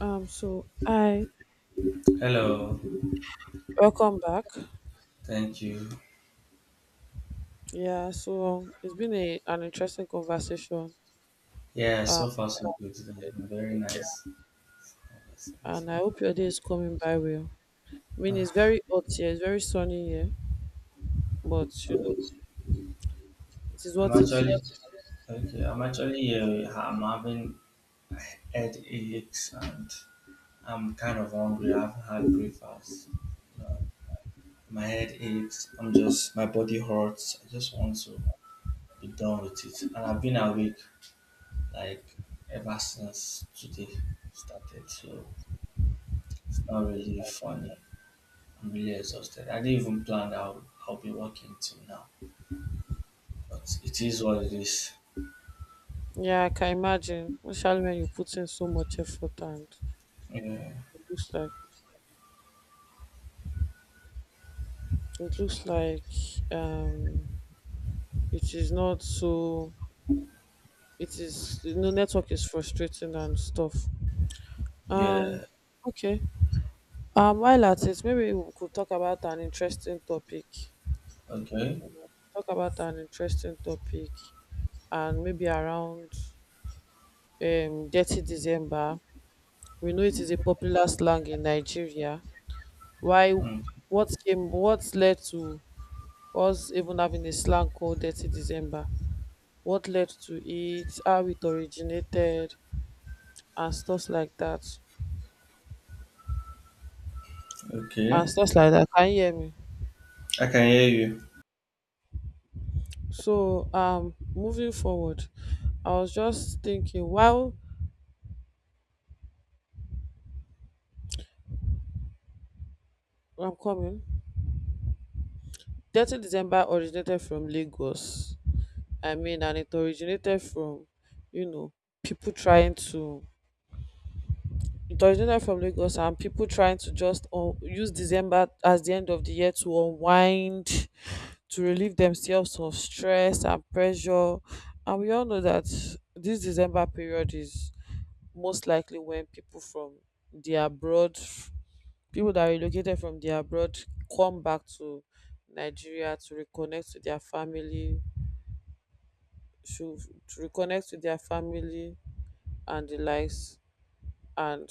I Hello, welcome back. thank you. Yeah, so it's been a an interesting conversation. Yeah, Um, so far so good. It has been very nice. and I hope your day is coming by well. I mean, it's Ah, very hot here, it's very sunny here, but it is I'm what it actually is. okay. I'm having headaches and I'm kind of hungry. I haven't had breakfast. Uh, My head aches. I'm just my body hurts. I just want to be done with it. And I've been awake like ever since today started, so it's not really funny. I'm really exhausted. I didn't even plan I'll be working till now, but it is what it is. Yeah, I can imagine, especially when you put in so much effort, and Yeah. it looks like it looks like um it is not so it is network is frustrating and stuff. Um Yeah. okay. While at it, maybe we could talk about an interesting topic. Okay. Talk about an interesting topic, and maybe around dirty December. We know it is a popular slang in Nigeria. Why? Mm. What came? What led to us even having a slang called dirty December? What led to it? How it originated and stuff like that. And Okay. stuff like that. Can you hear me? I can hear you. So, moving forward, I was just thinking. Why? I'm coming. Dirty December originated from Lagos. I mean, and it originated from, you know, people trying to. It originated from Lagos and people trying to just use December as the end of the year to unwind, to relieve themselves of stress and pressure. And we all know that this December period is most likely when people from the abroad, people that relocated from the abroad, come back to Nigeria to reconnect to their family, to, to reconnect to their family and the likes, and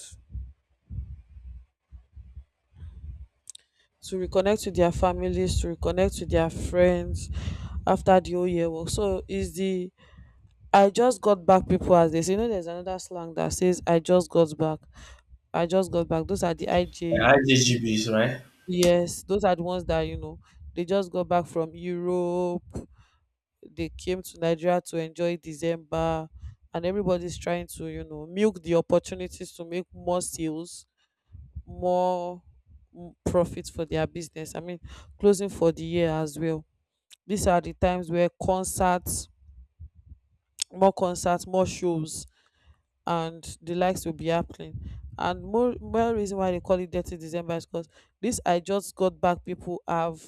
to reconnect to their families, to reconnect to their friends after the whole year work. So is the I just got back people, as they say. You know, there's another slang that says I just got back. I just got back. Those are the IJ. I IGGBs, right? Yes, those are the ones that you know. They just got back from Europe, they came to Nigeria to enjoy December, and everybody's trying to, milk the opportunities to make more sales, more profit for their business. I mean, closing for the year as well. These are the times where concerts, more shows and the likes will be happening, and more reason why they call it dirty December is because this I just got back people have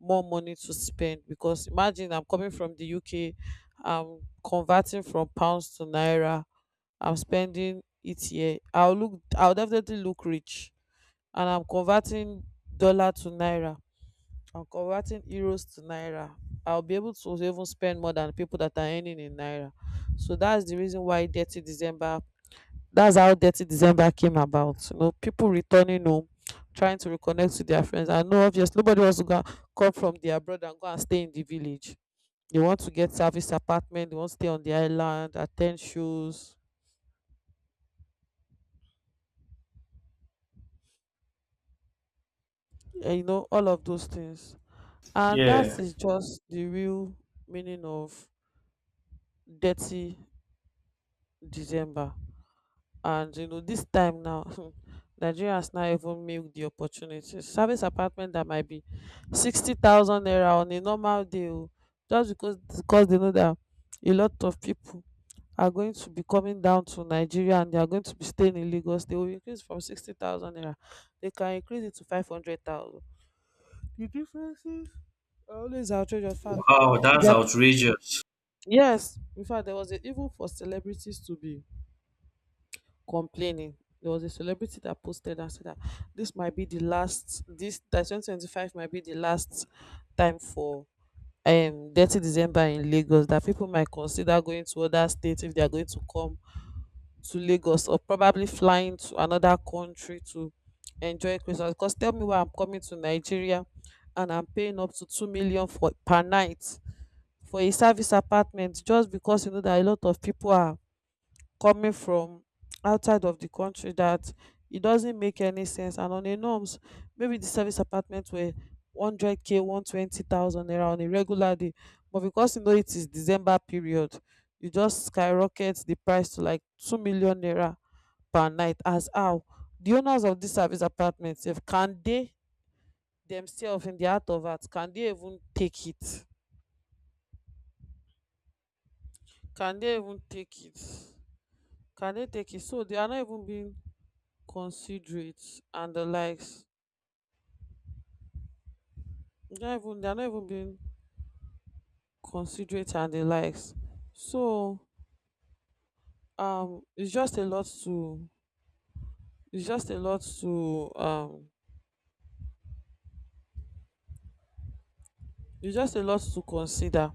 more money to spend. Because imagine, I'm coming from the UK, I'm converting from pounds to naira, I'm spending it here, I'll definitely look rich. And I'm converting dollar to naira, I'm converting euros to naira, I'll be able to even spend more than people that are earning in naira. So that's the reason why dirty December, that's how dirty December came about. You know, people returning home trying to reconnect to their friends. I know obvious nobody wants to go and come from their abroad and go and stay in the village. They want to get service apartment, they want to stay on the island, attend shows, and you know, all of those things. And that Yeah. is just the real meaning of dirty December. And you know this time now Nigerians now even milk the opportunity. Service apartment that might be 60,000 naira on a normal day o, just because they know that a lot of people are going to be coming down to Nigeria and they are going to be staying in Lagos, they will increase from 60,000 naira, they can increase it to 500,000. The differences are always outrageous, fact. Wow, If that's you are, outrageous. yes, in fact, there was a, even for celebrities to be complaining. There was a celebrity that posted and said that this might be the last, this that 2025 might be the last time for Dirty December in Lagos. That people might consider going to other states if they are going to come to Lagos, or probably flying to another country to enjoy Christmas. Because tell me why I'm coming to Nigeria and I'm paying up to 2 million for per night for a service apartment, just because you know that a lot of people are coming from outside of the country. That it doesn't make any sense. And on a norms, maybe the service apartment were 100k, 120,000 naira on a regular day. But because you know it is December period, you just skyrocket the price to like 2 million naira per night. As how the owners of this service apartment, if can they themselves in the art of art, can they even take it? Can they even take it? Can they take it? So they are not even being considerate and the likes. They're not even being considerate and the likes. So it's just a lot to it's just a lot to it's just a lot to consider.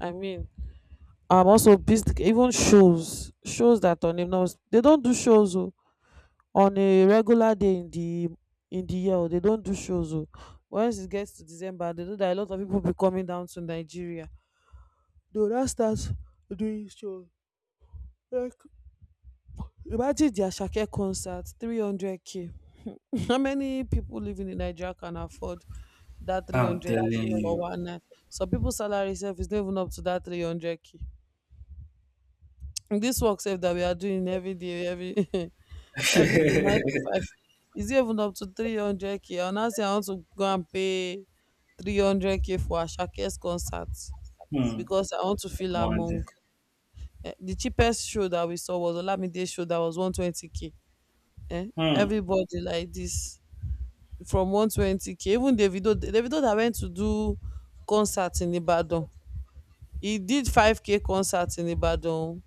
I mean, also business, even shows that on a no they don't do shows oh, on a regular day in the year oh, they don't do shows oh. Once it gets to December, they know that a lot of people be coming down to Nigeria. They will now start doing shows, like, imagine the Asake concert, 300k. How many people living in Nigeria can afford that I'm 300k telling for you. one night? Some people's salary self is not even up to that 300k. This work self that we are doing every day, every every day, nine to five, is it even up to 300k. And now say I want to go and pay 300k for Asake's concert Hmm. because I want to feel One day. among. Eh, the cheapest show that we saw was Olamide show that was 120k, eh, Hmm. everybody like this from 120k. Even Davido, that went to do concert in Ibadan, he did 5k concert in Ibadan.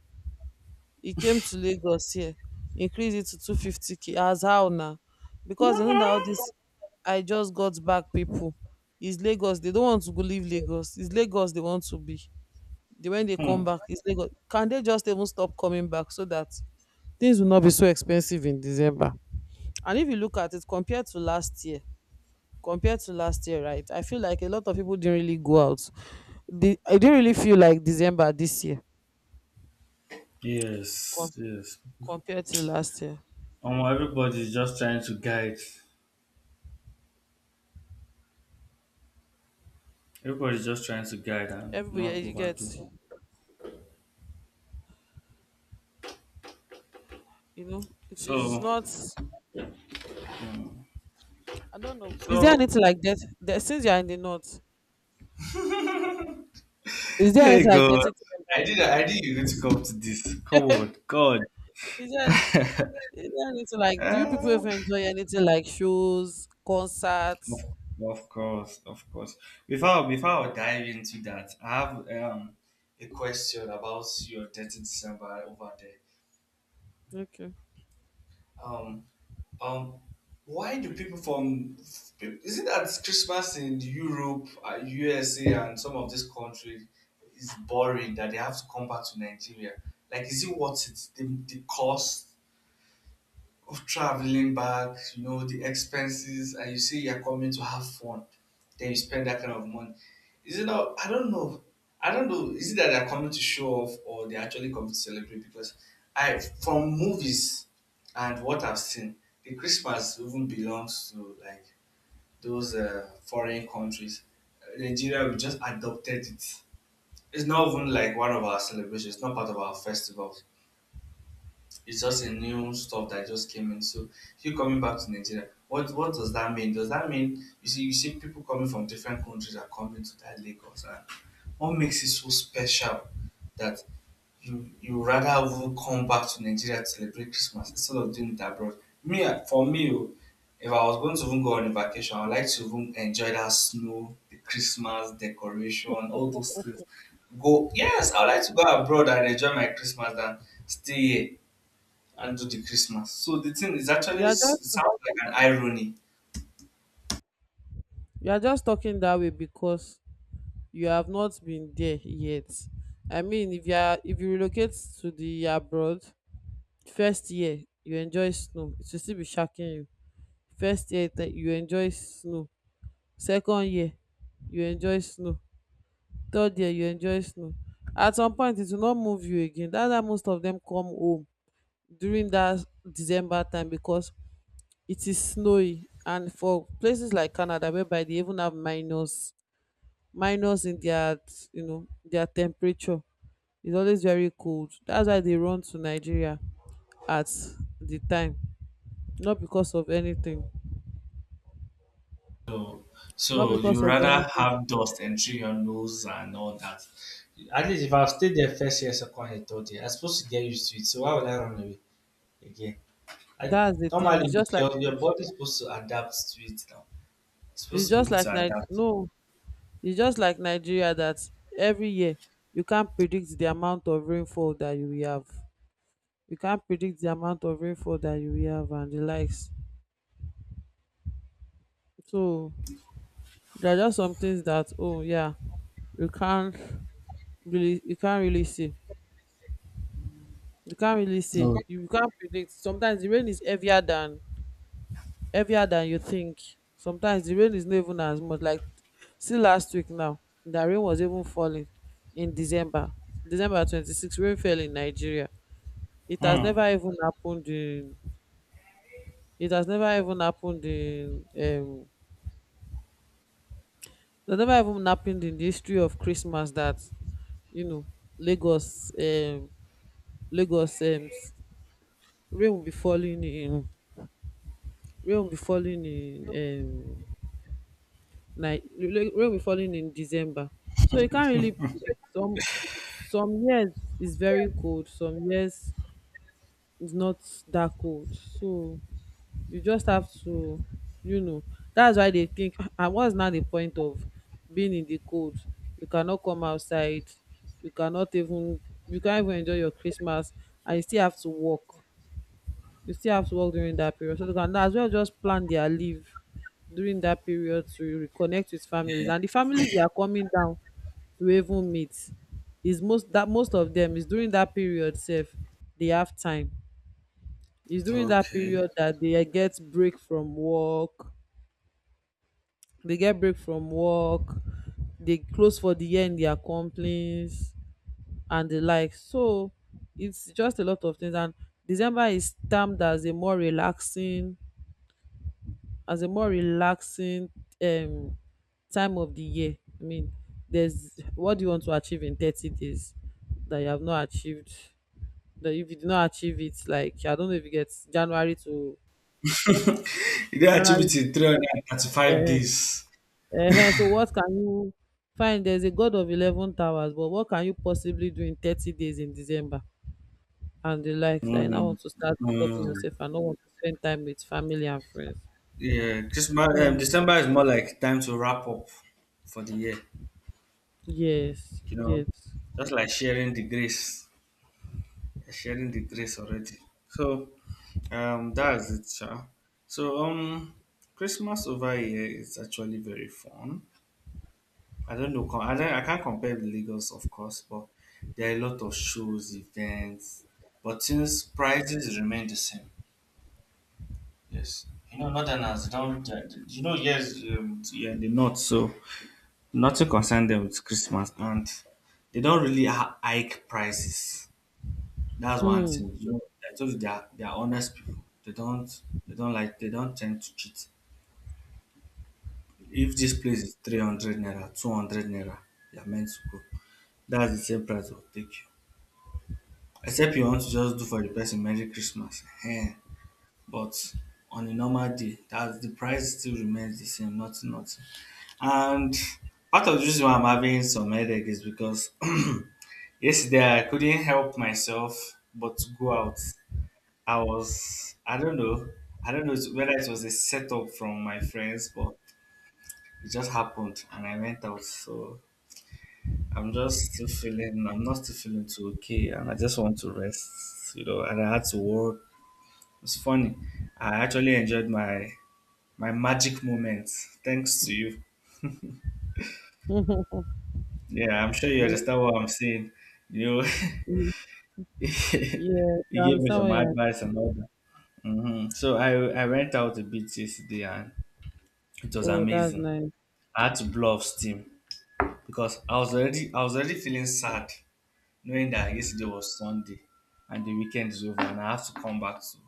He came to Lagos here, increased it to 250k. As how now? Because they know that all this I just got back people is Lagos, they don't want to go, leave Lagos, it's Lagos they want to be, they, when they come Hmm. back, it's Lagos. Can they just even stop coming back so that things will not be so expensive in December? And if you look at it compared to last year, right, I feel like a lot of people didn't really go out. I didn't really feel like December this year, Yes. com- Yes. compared to last year. Everybody's just trying to guide. Everybody's just trying to guide and Everybody eh, not you get, overdo. you know, it is So, not. hmm. I don't know, is there so anything like that there? Since you're in the north, is there Hey anything like God, dirty December I in did. the, I did. You were going to come to this? Come on, God. Is there anything like, do you Ah, people even enjoy anything like shows, of, concerts? of course, of course. Before I dive into that, I have a question about your death December over there. Okay. Um um, why do people from is it that Christmas in Europe, USA, and some of these countries is boring that they have to come back to Nigeria? Like, is it worth it? The cost of traveling back, the expenses, and you say you're coming to have fun, then you spend that kind of money. Is it not? I don't know. I don't know. Is it that they're coming to show off or they're actually coming to celebrate? Because from movies and what I've seen, the Christmas even belongs to like those foreign countries. Nigeria, we just adopted it. It's not even like one of our celebrations. It's not part of our festivals. It's just a new stuff that just came in. So you coming back to Nigeria, what does that mean? Does that mean you see people coming from different countries are coming to that Lagos and what makes it so special that you rather even come back to Nigeria to celebrate Christmas instead of doing it abroad? For me oh, if I was going to even go on a vacation, I would like to even enjoy that snow, the Christmas decoration, all those things. Go yes, I would like to go abroad and enjoy my Christmas than stay here and do the Christmas. So the thing is actually you are just it sounds like an irony. you are just talking that way because you have not been there yet. I mean, if you relocate to the abroad, first year you enjoy snow, it will still be shacking you. First year you enjoy snow, second year you enjoy snow, third year you enjoy snow. At some point, it will not move you again. That's why most of them come home during that December time, because it is snowy. And for places like Canada, whereby they even have minus in their, their temperature, it's always very cold. That's why they run to Nigeria at the time, not because of anything. So, not so, you because of rather anything have dust entering your nose and all that. At least if I've stayed there first year, second year, third year, I'm supposed to get used to it. So why would I run away again? I, that's the thing. it's normally, just like your body's supposed to adapt to it now. It's it's supposed to be just able like to adapt. no, it's just like Nigeria. That every year, you can't predict the amount of rainfall that you will have. You can't predict the amount of rainfall that you will have and the likes. So there are just some things that, oh yeah, you can't you can't really see. You can't really say, No. you can't predict. Sometimes the rain is heavier than you think. Sometimes the rain is not even as much, like, see, last week now, the rain was even falling in December. December 26th, rain fell in Nigeria. it has Hmm. never even happened in it has never even happened in um it has never even happened in the history of Christmas that you know lagos um lagos rain will be falling in rain will be falling in um rain will be falling in December. So you can't really predict. Some years is very cold, some years is not that cold. So you just have to, you know, that's why they think, and what's now the point of being in the cold? You cannot come outside, you cannot even you can't even enjoy your Christmas and you still have to work. You still have to work during that period. So they can as well just plan their leave during that period to reconnect with families. And the families they are coming down to even meet is most that most of them is during that period safe, they have time. It's during that Okay. period that they get break from work. They get break from work. They close for the year in their companies and the like. So it's just a lot of things and December is termed as a more relaxing as a more relaxing um time of the year. I mean, there's what do you want to achieve in 30 days that you have not achieved, that if you did not achieve it, like, I don't know, if you get January to You get january to activity 335 uh, days. So what can you find? There's a god of 11 towers, but what can you possibly do in 30 days in December and the likes that you now Hmm. want to start stopping Hmm. yourself and not want to spend time with family and friends? Yeah, Christmas, So December is more like time to wrap up for the year, yes, you know, yes. just like sharing the grace already. So, that's it, sha. So, Christmas over here is actually very fun. I don't know, I can't compare with Lagos, of course, but there are a lot of shows, events, but since prices remain the same, yes, Northerners don't, yes, yeah, the North, so. Not to concern them with Christmas, and they don't really hike prices. That's one Hmm. thing. I told you they are honest people. They don't tend to cheat. If this place is 300 naira, 200 naira, they are meant to go. That's the same price they'll take you. Except you want to just do for the person Merry Christmas. Ehen. But on a normal day, that's the price still remains the same, nothing, nothing. And part of the reason why I'm having some headache is because yesterday I couldn't help myself but to go out. I was, I don't know whether it was a setup from my friends, but it just happened and I went out. So I'm not still feeling too okay and I just want to rest, and I had to work. It's funny. I actually enjoyed my magic moments, thanks to you. Yeah, I'm sure you understand what I'm saying. You know, Mhm. Yes, you I gave me understand what some you're. advice and all that. So I went out a bit yesterday and it was Oh, that's amazing. nice. I had to blow off steam because I was already feeling sad knowing that yesterday was Sunday and the weekend is over and I have to come back to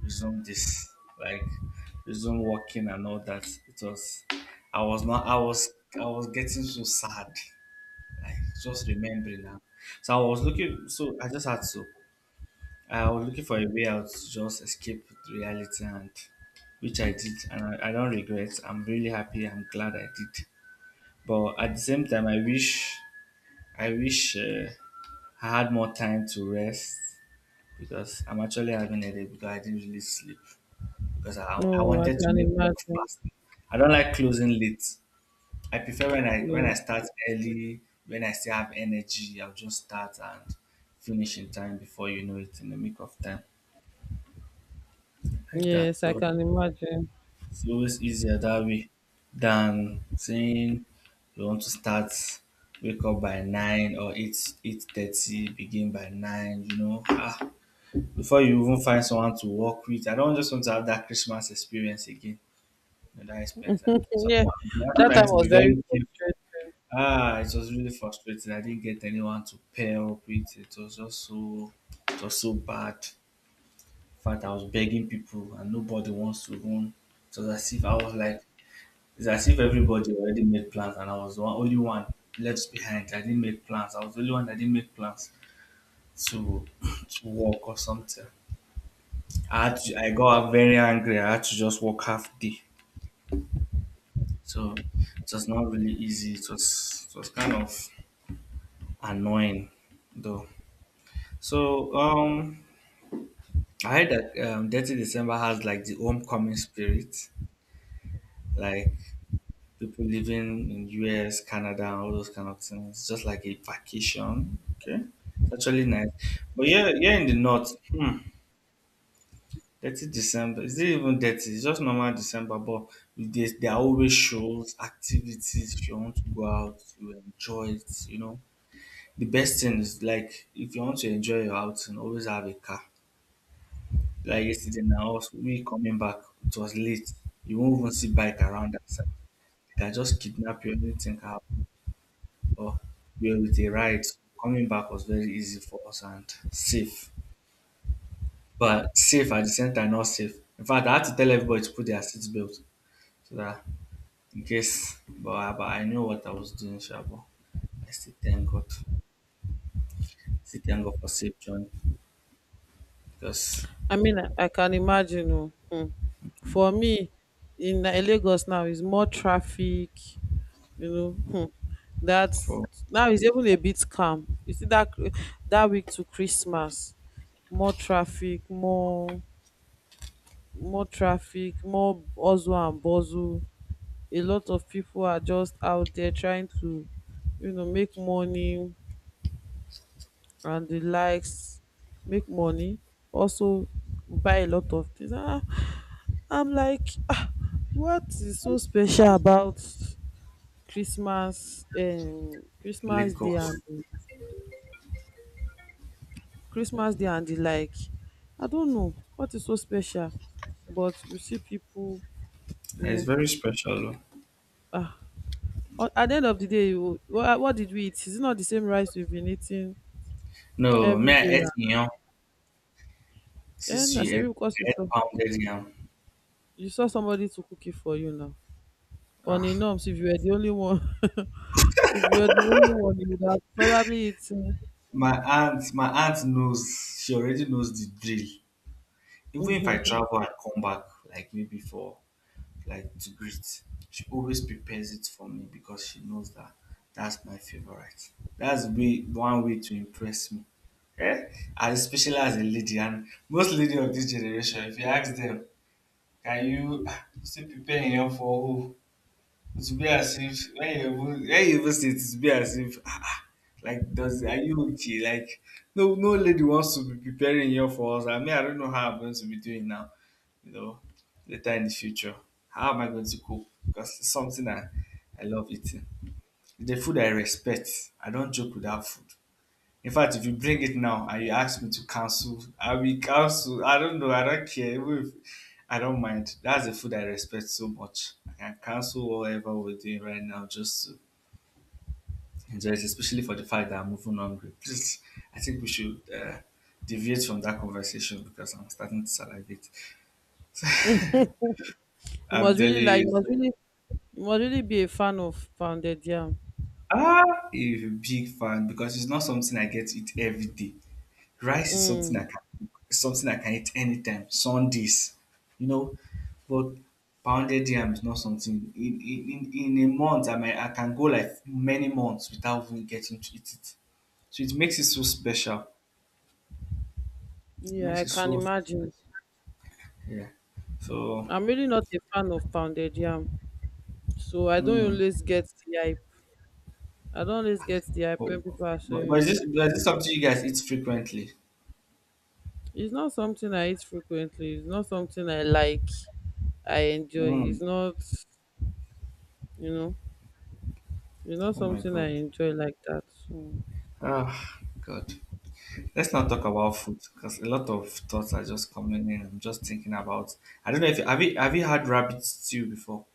resume this like resume working and all that. It was I was not I was I was getting so sad. Just remember now. So I was looking. So I just had to. I was looking for a way out to just escape reality, and which I did, and I don't regret. I'm really happy. I'm glad I did. But at the same time, I wish I had more time to rest because I'm actually having a day because I didn't really sleep because I No, I wanted to can make work imagine. fast. I don't like closing late. I prefer when I when Yeah. I start early, when I still have energy, I'll just start and finish in time before you know it in the make of time like that. Yes, I So can imagine. it's always easier that way than saying you want to start wake up by 9 or 8 8:30, begin by nine. Ah before you even find someone to work with. I don't just want to have that Christmas experience again. That experience that so Yeah, I'm that time trying I to was be very very careful. frustrated. Ah, it was really frustrating. I didn't get anyone to pair up with. It was so bad. In fact, I was begging people, and nobody wants to run. It was as if I was like, it's as if everybody already made plans, and I was only one left behind. I didn't make plans. I was the only one that didn't make plans to to walk or something. I got very angry. I had to just walk half day. So it was not really easy. It was kind of annoying, though. So I heard that Dirty December has like the homecoming spirit, like people living in US, Canada, and all those kind of things, it's just like a vacation. Okay, it's actually nice. But yeah, yeah, in the north, hmm, Dirty December is it even dirty? It's just normal December, but there are always shows, activities. If you want to go out, you enjoy it. The best thing is like if you want to enjoy your outing, always have a car. Like yesterday now, we coming back, it was late. You won't even see bike around that side. They can just kidnap you, anything can happen. Or we are with a ride. So, coming back was very easy for us and safe. But safe at the same time, not safe. In fact, I had to tell everybody to put their seatbelt so that in case, but I knew what I was doing, sha, but I still thank God. Still thank God for safe journey because I mean, I can imagine. Oh. Hmm. For me, in Lagos now, is more traffic. You know. Hmm. that's for Now it's even a bit calm. You see that that week to Christmas, more traffic, more traffic, more hustle and bustle. A lot of people are just out there trying to, you know, make money and the likes, make money, also buy a lot of things. Ah, I'm like, "Ah, what is so special about Christmas, Christmas Day Lagos, and the like? I don't know what is so special, but you see people, you it's know, very special. Oh. ah, at the end of the day, you- what did we eat? Is it not the same rice we've been eating No, me, every I day? ate, Yeah, since na she head, shebi because head pounded yam. you saw somebody to cook it for you now. On a Ah, norms, if you were the only one, if you were the only one, you would have probably eaten. my aunt knows. She already knows the drill. Even if I Mhm. travel and come back, like maybe for like to greet, she always prepares it for me because she knows that that's my favorite. That's way one way to impress me. Eh? And especially as a lady, and most lady of this generation, if you ask them, can you still prepare yam for who? It's be as if when you even see it, it be as if ah, like does are you okay? Like no no lady wants to be preparing here for us. I mean I don't know how I'm going to be doing now, you know, later in the future. How am I going to cook? Because it's something I love eating. It's the food I respect. I don't joke with that food. In fact, if you bring it now and you ask me to cancel, I will cancel. I don't know. I don't care. Even if I don't mind. That's the food I respect so much. I can cancel whatever we're doing right now just to enjoy it, especially for the fact that I'm moving hungry. Please, I think we should deviate from that conversation because I'm starting to salivate. you I'm must telling really like, you you, must really, you must really be a fan of pounded yam. ah, a big fan because it's not something I get to eat every day. Rice is something I Mm, can is something I can eat anytime, Sundays, you know. But pounded yam is not something in a month I can go like many months without even getting to eat it. So it makes it so special. It yeah, makes I it can so special. imagine. Yeah. So I'm really not a fan of pounded yam, so I don't mm, always get the hype. I don't always get the hype but, when people are but but is saying this but is this something you guys eat frequently? it's not something I eat frequently. It's not something I like. I enjoy. Mm. It's not, you know. It's not Oh my something god. I enjoy like that. Mm. Ah, God. Let's not talk about food because a lot of thoughts are just coming in. I'm just thinking about. I don't know if have you had rabbit stew before?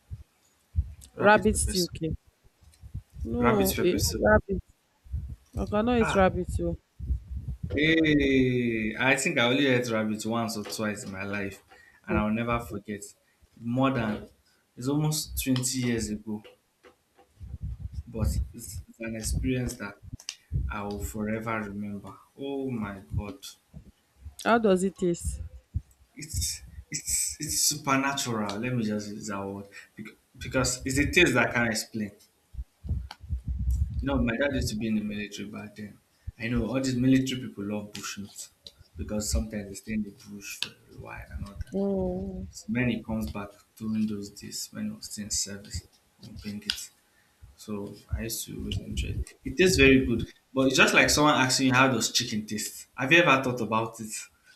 Rabbit Rabbit pepper still soup. cake. Rabbit No, pepper eh? soup. Rabbit. I cannot eat Ah, rabbit. Oh. hey, I think I only ate rabbit once or twice in my life, and Mm. I'll never forget. More than it's almost 20 years ago, but it's an experience that I will forever remember. Oh my god! How does it taste? it's it's supernatural. Let me just use that word. Bec- because it's a taste that I can't explain. You know, my dad used to be in the military back then. I know all these military people love bushmeat because sometimes they stay in the bush for a while and all that. Mm. So when he comes back during those days when I was still in service, we bring it. So I used to really enjoy it. It tastes very good, but it's just like someone asking you how does chicken taste. Have you ever thought about it,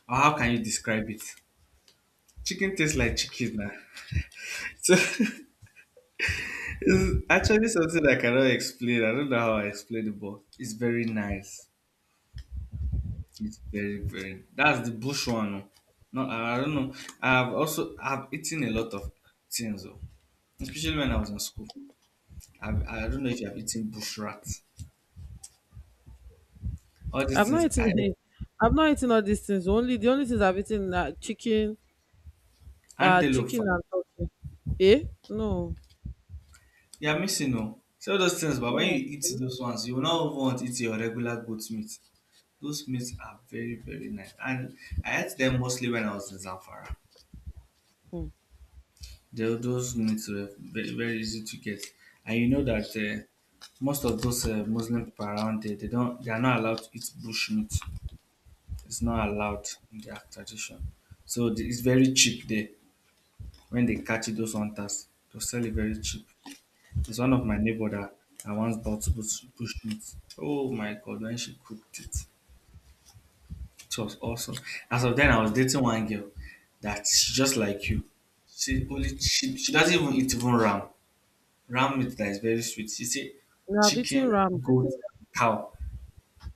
or how can you describe it? Chicken tastes like chicken, man. So it's actually something I cannot explain. I don't know how I explain it, but it's very nice. It's very, very. That's the bush one. Oh. No, I don't know. I've eaten a lot of things, oh, especially when I was in school. I don't know if you have eaten bush rats. All these I've things not I ate. eaten. I've not eaten all these things. Only the only things I've eaten are chicken, Antelope. chicken Fam. and turkey. Eh? Eh? No, You are missing, oh. See all those things, but when you no. eat Eh? those ones, you will not even want to eat your regular goat meat. Those meats are very, very nice. And I ate them mostly when I was in Zamfara. Mm. They, those meats were very, very easy to get, and you know that most of those Muslim people around there, they are not allowed to eat bush meat. It's not allowed in their tradition. So the, it's very cheap there. When they catch those hunters, they sell it very cheap. It's one of my neighbor that I once bought bush meat. Oh my god, when she cooked it, it was awesome. As of then, I was dating one girl that's just like you. She doesn't even eat even ram. Ram meat that is very sweet. She say No, I've eaten chicken, ram. goat, cow.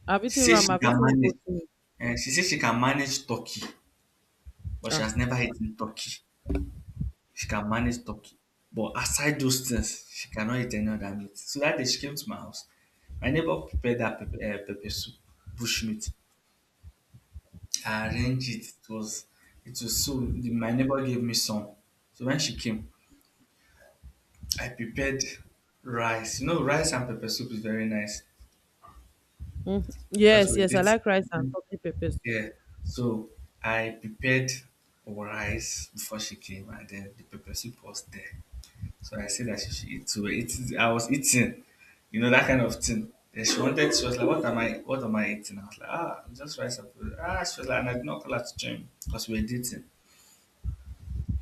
She say she I've can eaten manage. goat meat. And she say she can manage turkey but she Ah, has never eaten turkey. She can manage turkey but aside those things she cannot eat any other meat. So that day she came to my house, my neighbor prepared that pepper soup, bush meat. I arranged it. It was so the my neighbor gave me some. So when she came I prepared rice. You know rice and pepper soup is very nice mm, because yes, we yes. I did. like rice and turkey pepper soup. Yeah. So I prepared rice before she came, and then the pepper soup was there. So I said that she should eat. So it's I was eating, you know, that kind of thing. Then she wanted. She was like, "What am I? What am I eating?" I was like, "Ah, just rice and food." Ah, she was like, and I did not call her to join because we were dating.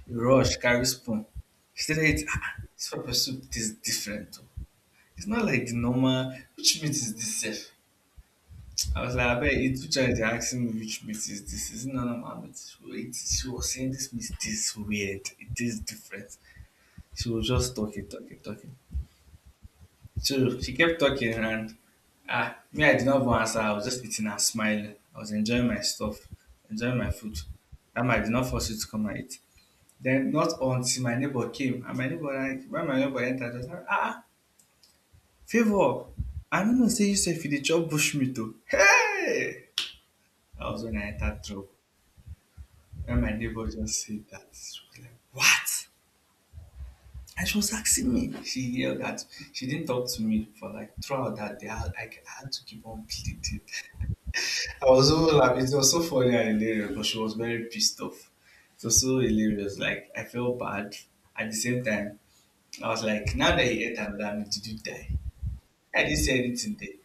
She rushed, carry spoon. She said, "It ah, this pepper soup tastes different, oh. It's not like the normal. Which meat is this sef?" I was like, I bet you teacher is asking me which meat is this. Is it none of my meat? She was saying this meat tastes weird. It tastes different. She was just talking, talking, talking. So she kept talking and ah, me, I did not even answer. I was just eating and smiling. I was enjoying my stuff, enjoying my food. That I did not force you to come and eat. Then not until my neighbor came and my neighbor like when my neighbor entered, I was like, ah, favor. I don't know say you said if you dey chop bush meat oh. Hey! That was when I entered trouble. When my neighbor just said that, she was like, What? And she was asking me. She yelled at she didn't talk to me for like throughout that day. I had to keep on pleading. I was so laughing. It was so funny and hilarious, but she was very pissed off. It was so hilarious. Like I felt bad. At the same time, I was like, now that he ate another meat, did you die? I didn't say anything there.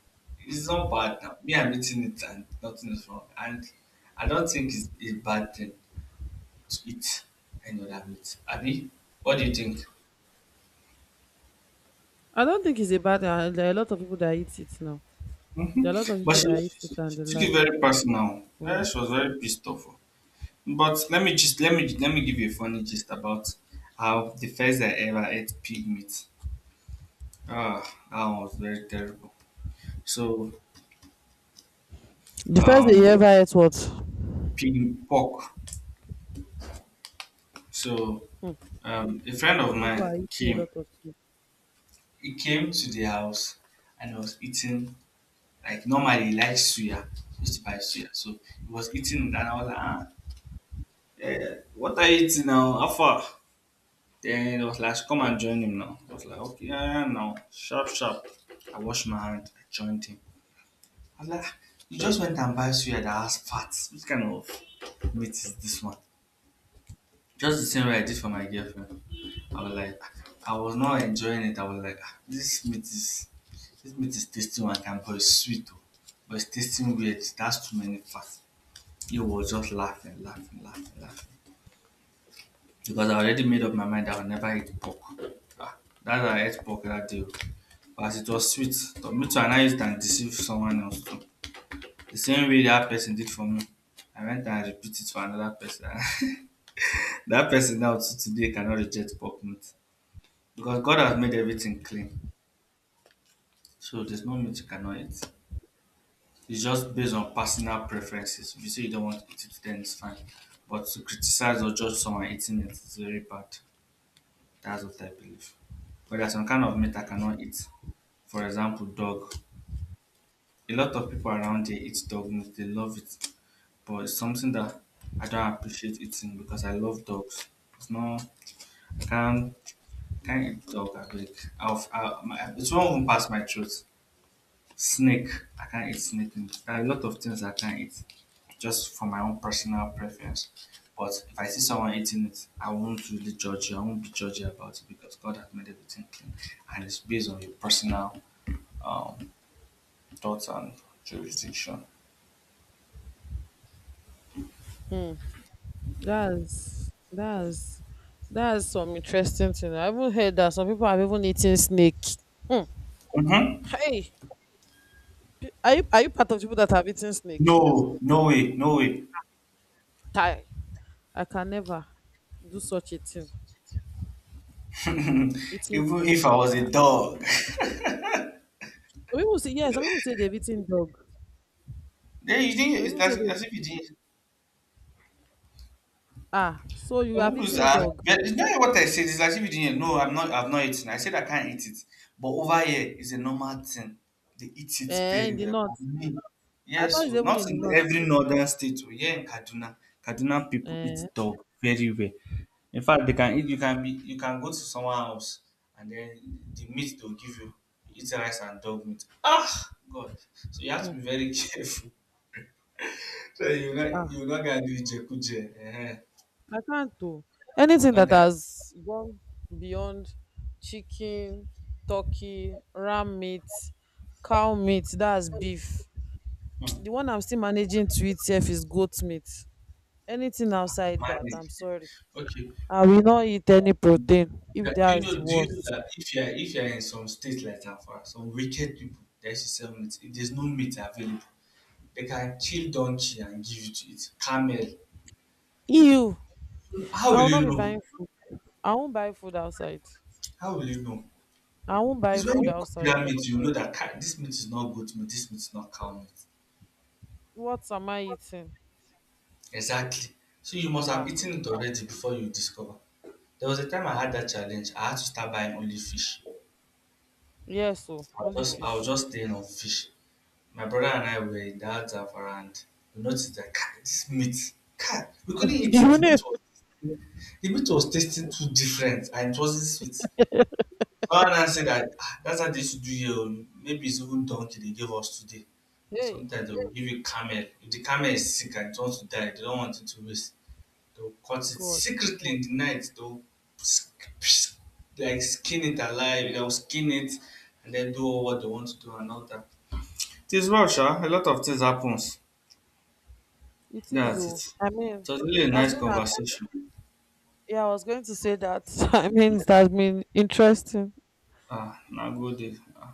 It's not bad now. Me, I'm eating it and nothing is wrong. And I don't think it's a bad thing to eat any other meat. Abby, what do you think? I don't think it's a bad. There are a lot of people that eat it now. Hmm. There are a lot of But people she, that eat it she and she they took it like. very personal. Eh, Mm. she was very pissed off. But let me just let me give you a funny gist about how the first I ever ate pig meat. Ah, that one was very terrible. So The first day you um, ever ate what? pig pork. So Mm. A friend You, of you people mine are eating a came. lot of food. He came to the house and I was eating like normally he likes suya. He used to buy suya, so he was eating it and I was like, ah, Yeah, what are you eating now? How far? Then it was like, come and join him now. I was like, okay, yeah, yeah, now. Sharp, sharp. I washed my hand. I joined him. I was like, "Ah, you just went and buy suya that has fat. Which kind of meat is this one? Just the same way I did for my girlfriend. I was like, I was not enjoying it. I was like, "Ah, this meat is tasting one kind, but it's sweet, oh, but it's tasting weird. That's too many fat. He was just laughing, because I already made up my mind I would never eat pork. Ah, that I ate pork that day, oh. But as it was sweet, to me too, and I used it and deceive someone else too. The same way that person did for me. I went and repeated it for another person. That person now to today cannot reject pork meat. Because God has made everything clean. So there's no meat you cannot eat. It's just based on personal preferences. If you say you don't want to eat it, then it's fine. But to criticize or judge someone eating it is very bad. That's what I believe. But there's some kind of meat I cannot eat. For example, dog. A lot of people around here eat dog meat. They love it, but it's something that I don't appreciate eating because I love dogs. It's not. I can't. I can't eat dog. I beg. It won't even pass my throat. Snake. I can't eat snake meat. There are a lot of things I can't eat, just for my own personal preference. But if I see someone eating it, I won't really judge you. I won't be judgy about it because God has made everything clean, and it's based on your personal um, thoughts and jurisdiction. Mm. That's that's some interesting thing. I even heard that some people have even eaten snake. Mm. Mm-hmm. Hey, p- are you part of people that have eaten snake? No, no way, no way. Tie. I can never do such a thing. Eating Even snake. if I was Ah. a dog, Some people say yes. Some people say they've eaten dog. then you think not. Some It's people say like they, as if you didn't. ah. So you have Some people eaten are dog. but it's not what I said. It's as if you didn't know. I'm not. I've not eaten. I said I can't eat it. But over here is a normal thing. They eat it Eh, very in the well. But north. me, I yes. thought it's So even not in the in north. every northern state. So here in Kaduna, Kaduna people eat Eh, dog very well. In fact, they can eat. You can be. You can go to someone else, and then the meat they'll give you, eat rice and dog meat. Ah, God. So you have hmm, to be very careful. So you're not. ah, You're not gonna do it, You're I can't oh. Anything not that gonna. has gone beyond chicken, turkey, ram meat, cow meat, that's beef. Hmm. The one I'm still managing to eat sef is goat meat. Anything outside that, I'm Manage. sorry. Okay. I will not eat any protein Yeah, if that's the Do you know worst. that if you're in some states like Afra, some wicked people that used to sell meat, if there's no meat available, they can kill donkey and give you to eat. Camel. Ew! How I will will not you be know? buying food. I won't buy food outside. How will you know? I won't buy It's when food you cook outside. that meat, you know that "Kai, this meat is not goat meat, this meat is not cow meat. What am I eating? Exactly. So you must have Ah, eaten it already before you discover. There was a time I had that challenge. I had to start buying only fish. yes, oh, only I'll fish. just stay on fish. My brother and I were in that Zafarand. We noticed that "Kai, this meat, Kai, we couldn't eat You it. Know, The meat was tasting too different and it wasn't sweet. So I said that "Ah, that's how they should do here, oh. Maybe it's even donkey they gave us today. But hey, sometimes they will give you camel. If the camel is sick and it wants to die, they don't want it to waste. They'll cut it God, secretly in the night. They'll sk- sk- skin it alive. They'll skin it and then do what they want to do and all that. It is well, sha. A lot of things happens. it is That's oh. it. I mean, It was really a it has nice been an conversation. yeah. I was going to say that. I mean, it has been interesting. Ah, now good day. Ah.